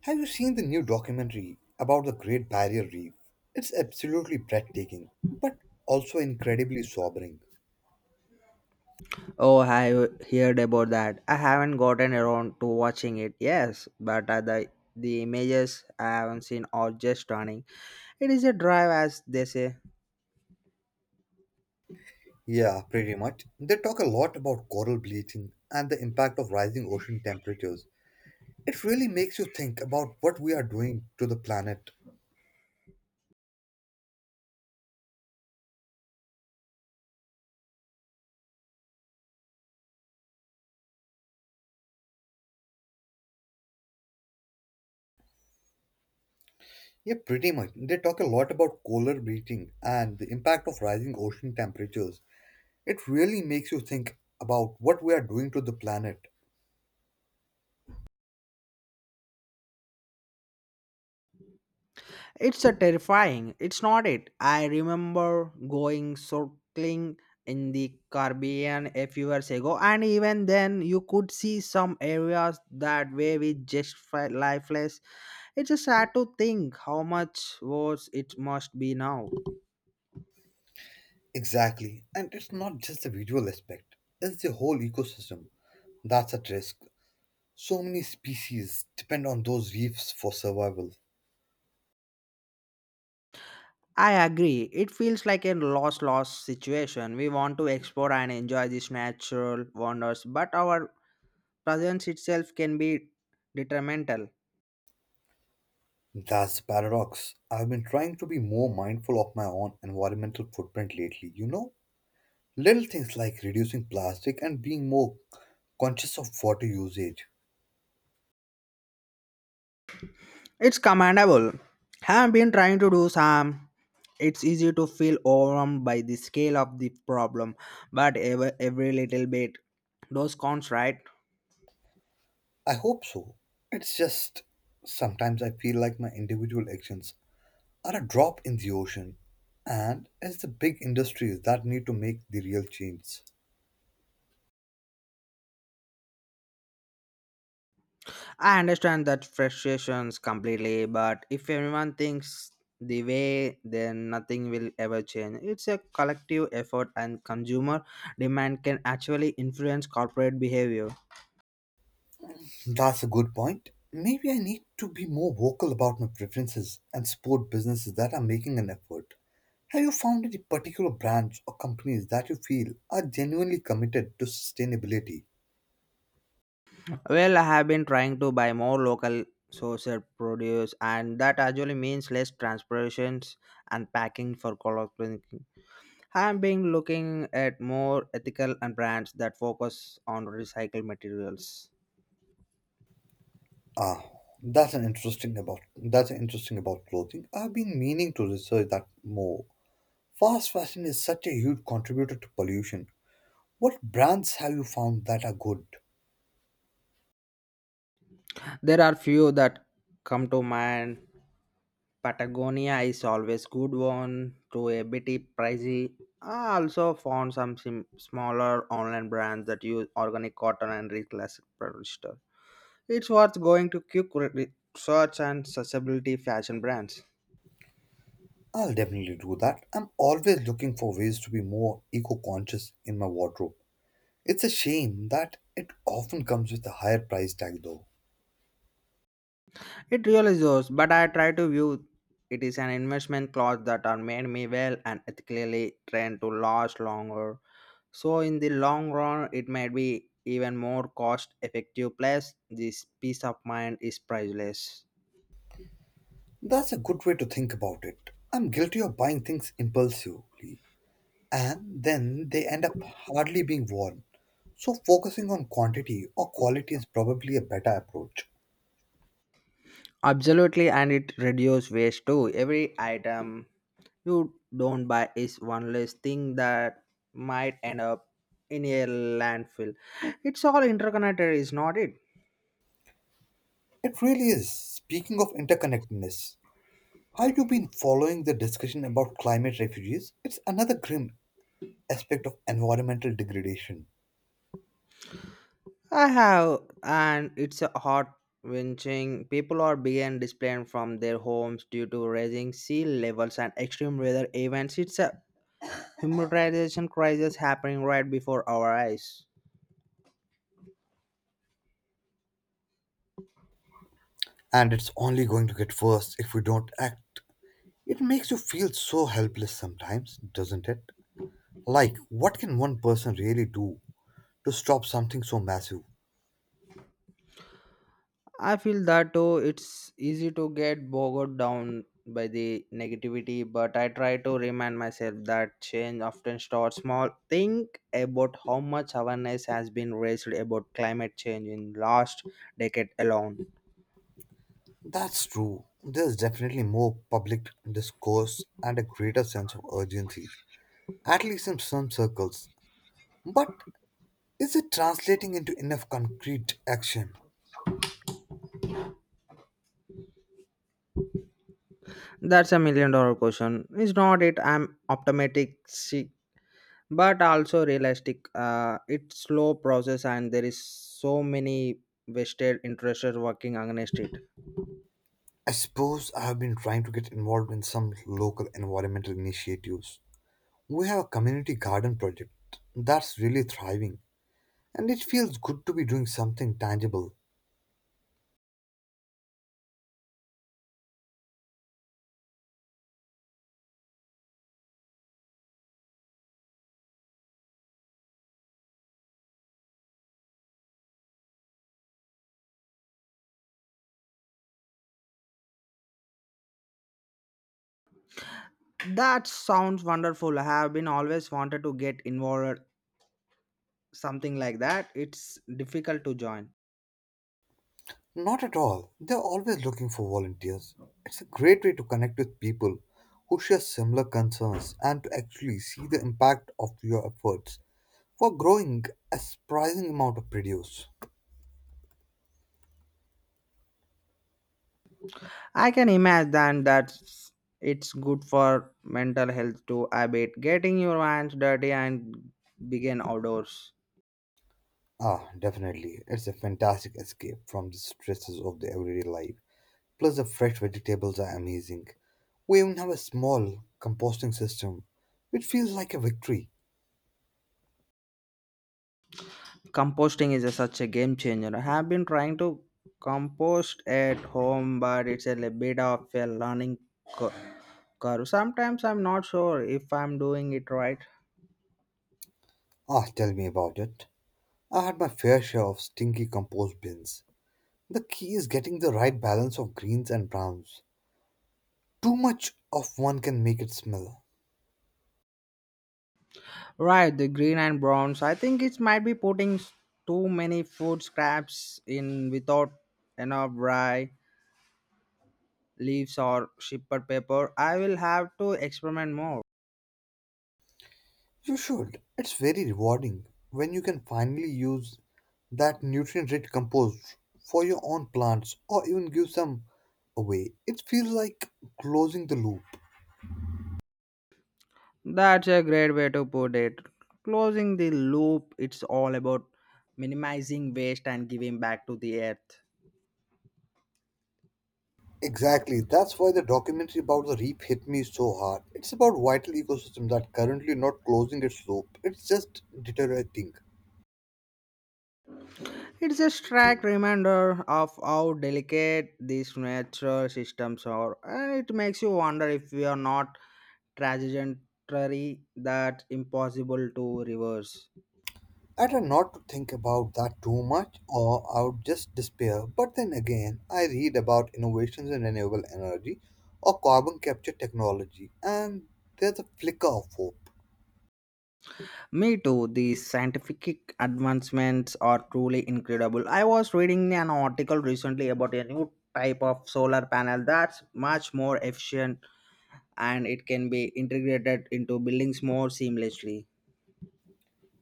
Have you seen the new documentary about the Great Barrier Reef? It's absolutely breathtaking, but also incredibly sobering. Oh, I heard about that. I haven't gotten around to watching it. Yes, but the images I haven't seen are just stunning. It is a drive, as they say. Yeah, pretty much. They talk a lot about coral bleaching and the impact of rising ocean temperatures. It really makes you think about what we are doing to the planet. Yeah, pretty much. They talk a lot about coral bleaching and the impact of rising ocean temperatures. It really makes you think about what we are doing to the planet. It's a terrifying. It's not it. I remember going circling in the Caribbean a few years ago, and even then, you could see some areas that were with just lifeless. It's a sad to think how much worse it must be now. Exactly. And it's not just the visual aspect, it's the whole ecosystem that's at risk. So many species depend on those reefs for survival. I agree. It feels like a loss situation. We want to explore and enjoy these natural wonders, but our presence itself can be detrimental. That's the paradox. I've been trying to be more mindful of my own environmental footprint lately, you know? Little things like reducing plastic and being more conscious of water usage. It's commendable. Have been trying to do some. It's easy to feel overwhelmed by the scale of the problem, but every little bit, those counts, right? I hope so. It's just sometimes I feel like my individual actions are a drop in the ocean, and it's the big industries that need to make the real change. I understand that frustrations completely, but if everyone thinks the way, then nothing will ever change. It's a collective effort, and consumer demand can actually influence corporate behavior. That's a good point. Maybe I need to be more vocal about my preferences and support businesses that are making an effort. Have you found any particular brands or companies that you feel are genuinely committed to sustainability? Well, I have been trying to buy more local sourced produce, and that actually means less transportations and packing for collecting. I've been looking at more ethical and brands that focus on recycled materials. Ah, that's an interesting about clothing. I've been meaning to research that more. Fast fashion is such a huge contributor to pollution. What brands have you found that are good? There are few that come to mind. Patagonia is always good one to a bit pricey. I also found some smaller online brands that use organic cotton and reclassic polyester. It's worth going to quick search and sustainability fashion brands. I'll definitely do that. I'm always looking for ways to be more eco conscious in my wardrobe. It's a shame that it often comes with a higher price tag, though. It really is, but I try to view it is an investment cloth that are made me well and ethically trained to last longer. So in the long run, it might be even more cost effective. Plus, this peace of mind is priceless. That's a good way to think about it. I'm guilty of buying things impulsively, and then they end up hardly being worn. So, focusing on quantity or quality is probably a better approach. Absolutely, and it reduces waste too. Every item you don't buy is one less thing that might end up in a landfill. It's all interconnected, is not it? It really is. Speaking of interconnectedness, have you been following the discussion about climate refugees? It's another grim aspect of environmental degradation. I have, and it's a hot winching. People are being displaced from their homes due to rising sea levels and extreme weather events. It's a humanitarian crisis happening right before our eyes. And it's only going to get worse if we don't act. It makes you feel so helpless sometimes, doesn't it? Like, what can one person really do to stop something so massive? I feel that oh, it's easy to get bogged down by the negativity, but I try to remind myself that change often starts small. Think about how much awareness has been raised about climate change in last decade alone. That's true. There's definitely more public discourse and a greater sense of urgency, at least in some circles. But is it translating into enough concrete action? That's a million-dollar question. It's not it. I'm optimistic, see, but also realistic. It's slow process, and there is so many vested interests working against it. I suppose I have been trying to get involved in some local environmental initiatives. We have a community garden project that's really thriving, and it feels good to be doing something tangible. That sounds wonderful. I have been always wanted to get involved something like that. It's difficult to join. Not at all, they're always looking for volunteers. It's a great way to connect with people who share similar concerns and to actually see the impact of your efforts for growing a surprising amount of produce. I can imagine that it's good for mental health too. I bet getting your hands dirty and begin outdoors. Ah, definitely, it's a fantastic escape from the stresses of the everyday life. Plus, the fresh vegetables are amazing. We even have a small composting system, which feels like a victory. Composting is a, such a game changer. I have been trying to compost at home, but it's a bit of a learning cur- curve. Sometimes I'm not sure if I'm doing it right. Ah, tell me about it. I had my fair share of stinky compost bins. The key is getting the right balance of greens and browns. Too much of one can make it smell. Right, the green and browns. I think it might be putting too many food scraps in without enough rye leaves or shipper paper. I will have to experiment more. You should. It's very rewarding when you can finally use that nutrient rich compost for your own plants or even give some away. It feels like closing the loop. That's a great way to put it. Closing the loop, it's all about minimizing waste and giving back to the earth. Exactly. That's why the documentary about the reef hit me so hard. It's about vital ecosystem that currently not closing its loop. It's just deteriorating. It's a stark reminder of how delicate these natural systems are, and it makes you wonder if we are not trajectory that impossible to reverse. I try not to think about that too much or I would just despair. But then again, I read about innovations in renewable energy or carbon capture technology and there's a flicker of hope. Me too. These scientific advancements are truly incredible. I was reading an article recently about a new type of solar panel that's much more efficient and it can be integrated into buildings more seamlessly.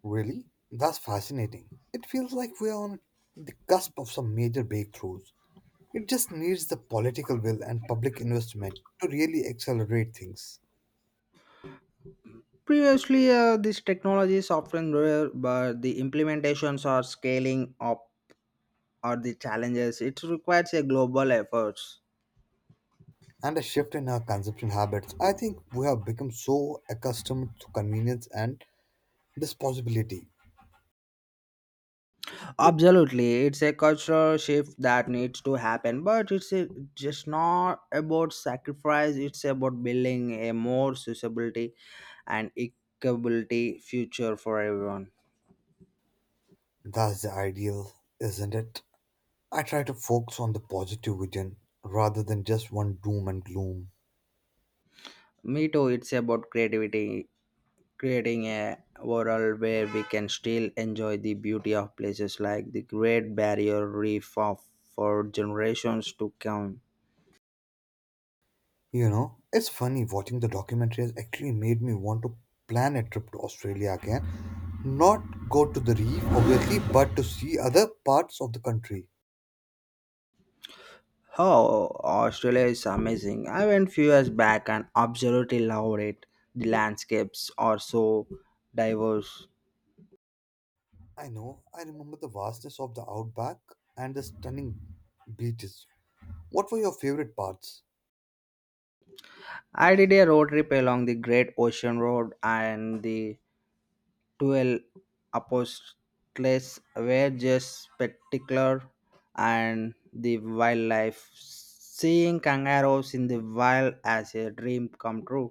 Really? That's fascinating. It feels like we are on the cusp of some major breakthroughs. It just needs the political will and public investment to really accelerate things. Previously, this technology is often rare, but the implementations are scaling up are the challenges. It requires a global effort. And a shift in our consumption habits. I think we have become so accustomed to convenience and disposability. Absolutely, it's a cultural shift that needs to happen, but just not about sacrifice. It's about building a more suitability and equability future for everyone. That's the ideal, isn't it? I try to focus on the positive vision rather than just one doom and gloom. Me too. It's about creating a world where we can still enjoy the beauty of places like the Great Barrier Reef of, for generations to come. You know, it's funny watching the documentary has actually made me want to plan a trip to Australia again. Not go to the reef, obviously, but to see other parts of the country. Oh, Australia is amazing. I went few years back and absolutely loved it. The landscapes are so diverse. I know, I remember the vastness of the outback and the stunning beaches. What were your favorite parts? I did a road trip along the Great Ocean Road and the 12 Apostles were just spectacular and the wildlife. Seeing kangaroos in the wild as a dream come true.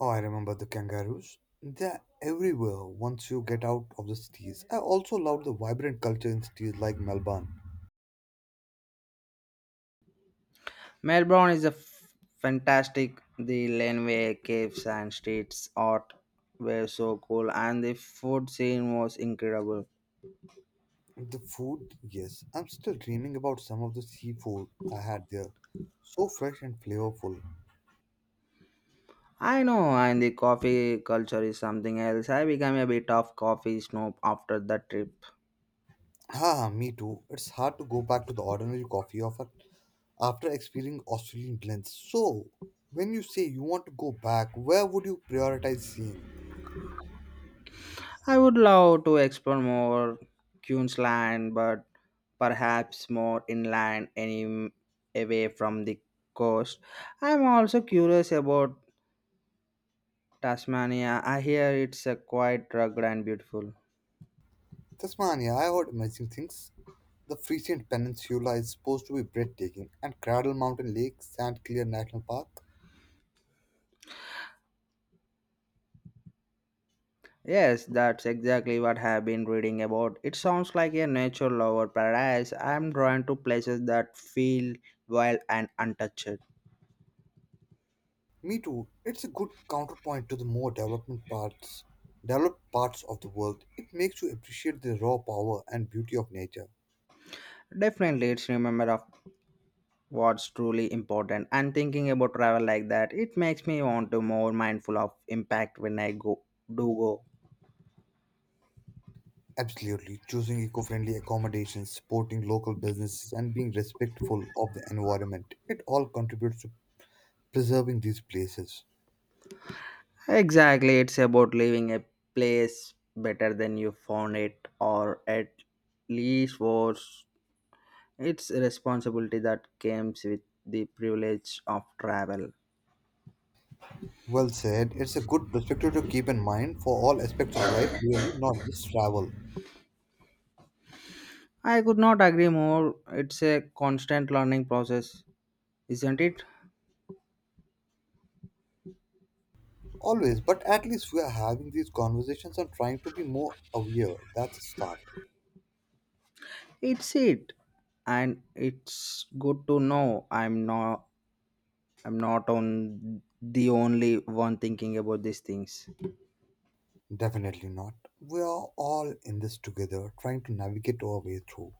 Oh, I remember the kangaroos. They're everywhere once you get out of the cities. I also loved the vibrant culture in cities like Melbourne. Melbourne is a fantastic. The laneway, caves, and streets art were so cool, and the food scene was incredible. The food, yes, I'm still dreaming about some of the seafood I had there. So fresh and flavorful. I know, and the coffee culture is something else. I became a bit of coffee snob after that trip. Ah, me too. It's hard to go back to the ordinary coffee of a after experiencing Australian blends. So, when you say you want to go back, where would you prioritize seeing? I would love to explore more Queensland, but perhaps more inland, any away from the coast. I'm also curious about Tasmania. I hear it's a quite rugged and beautiful. Tasmania, I heard amazing things. The Frisian Peninsula is supposed to be breathtaking, and Cradle Mountain Lake, St. Clair National Park. Yes, that's exactly what I've been reading about. It sounds like a nature lover paradise. I'm drawn to places that feel wild and untouched. Me too. It's a good counterpoint to the more development parts, developed parts of the world. It makes you appreciate the raw power and beauty of nature. Definitely, it's remember of what's truly important. And thinking about travel like that, it makes me want to more mindful of impact when I go do go. Absolutely, choosing eco-friendly accommodations, supporting local businesses, and being respectful of the environment. It all contributes to preserving these places. Exactly, it's about leaving a place better than you found it, or at least worse. It's a responsibility that comes with the privilege of travel. Well said. It's a good perspective to keep in mind for all aspects of life, really, not just travel. I could not agree more. It's a constant learning process, isn't it? Always, but at least we are having these conversations and trying to be more aware. That's a start. It's it. And it's good to know I'm not on the only one thinking about these things. Definitely not. We are all in this together, trying to navigate our way through.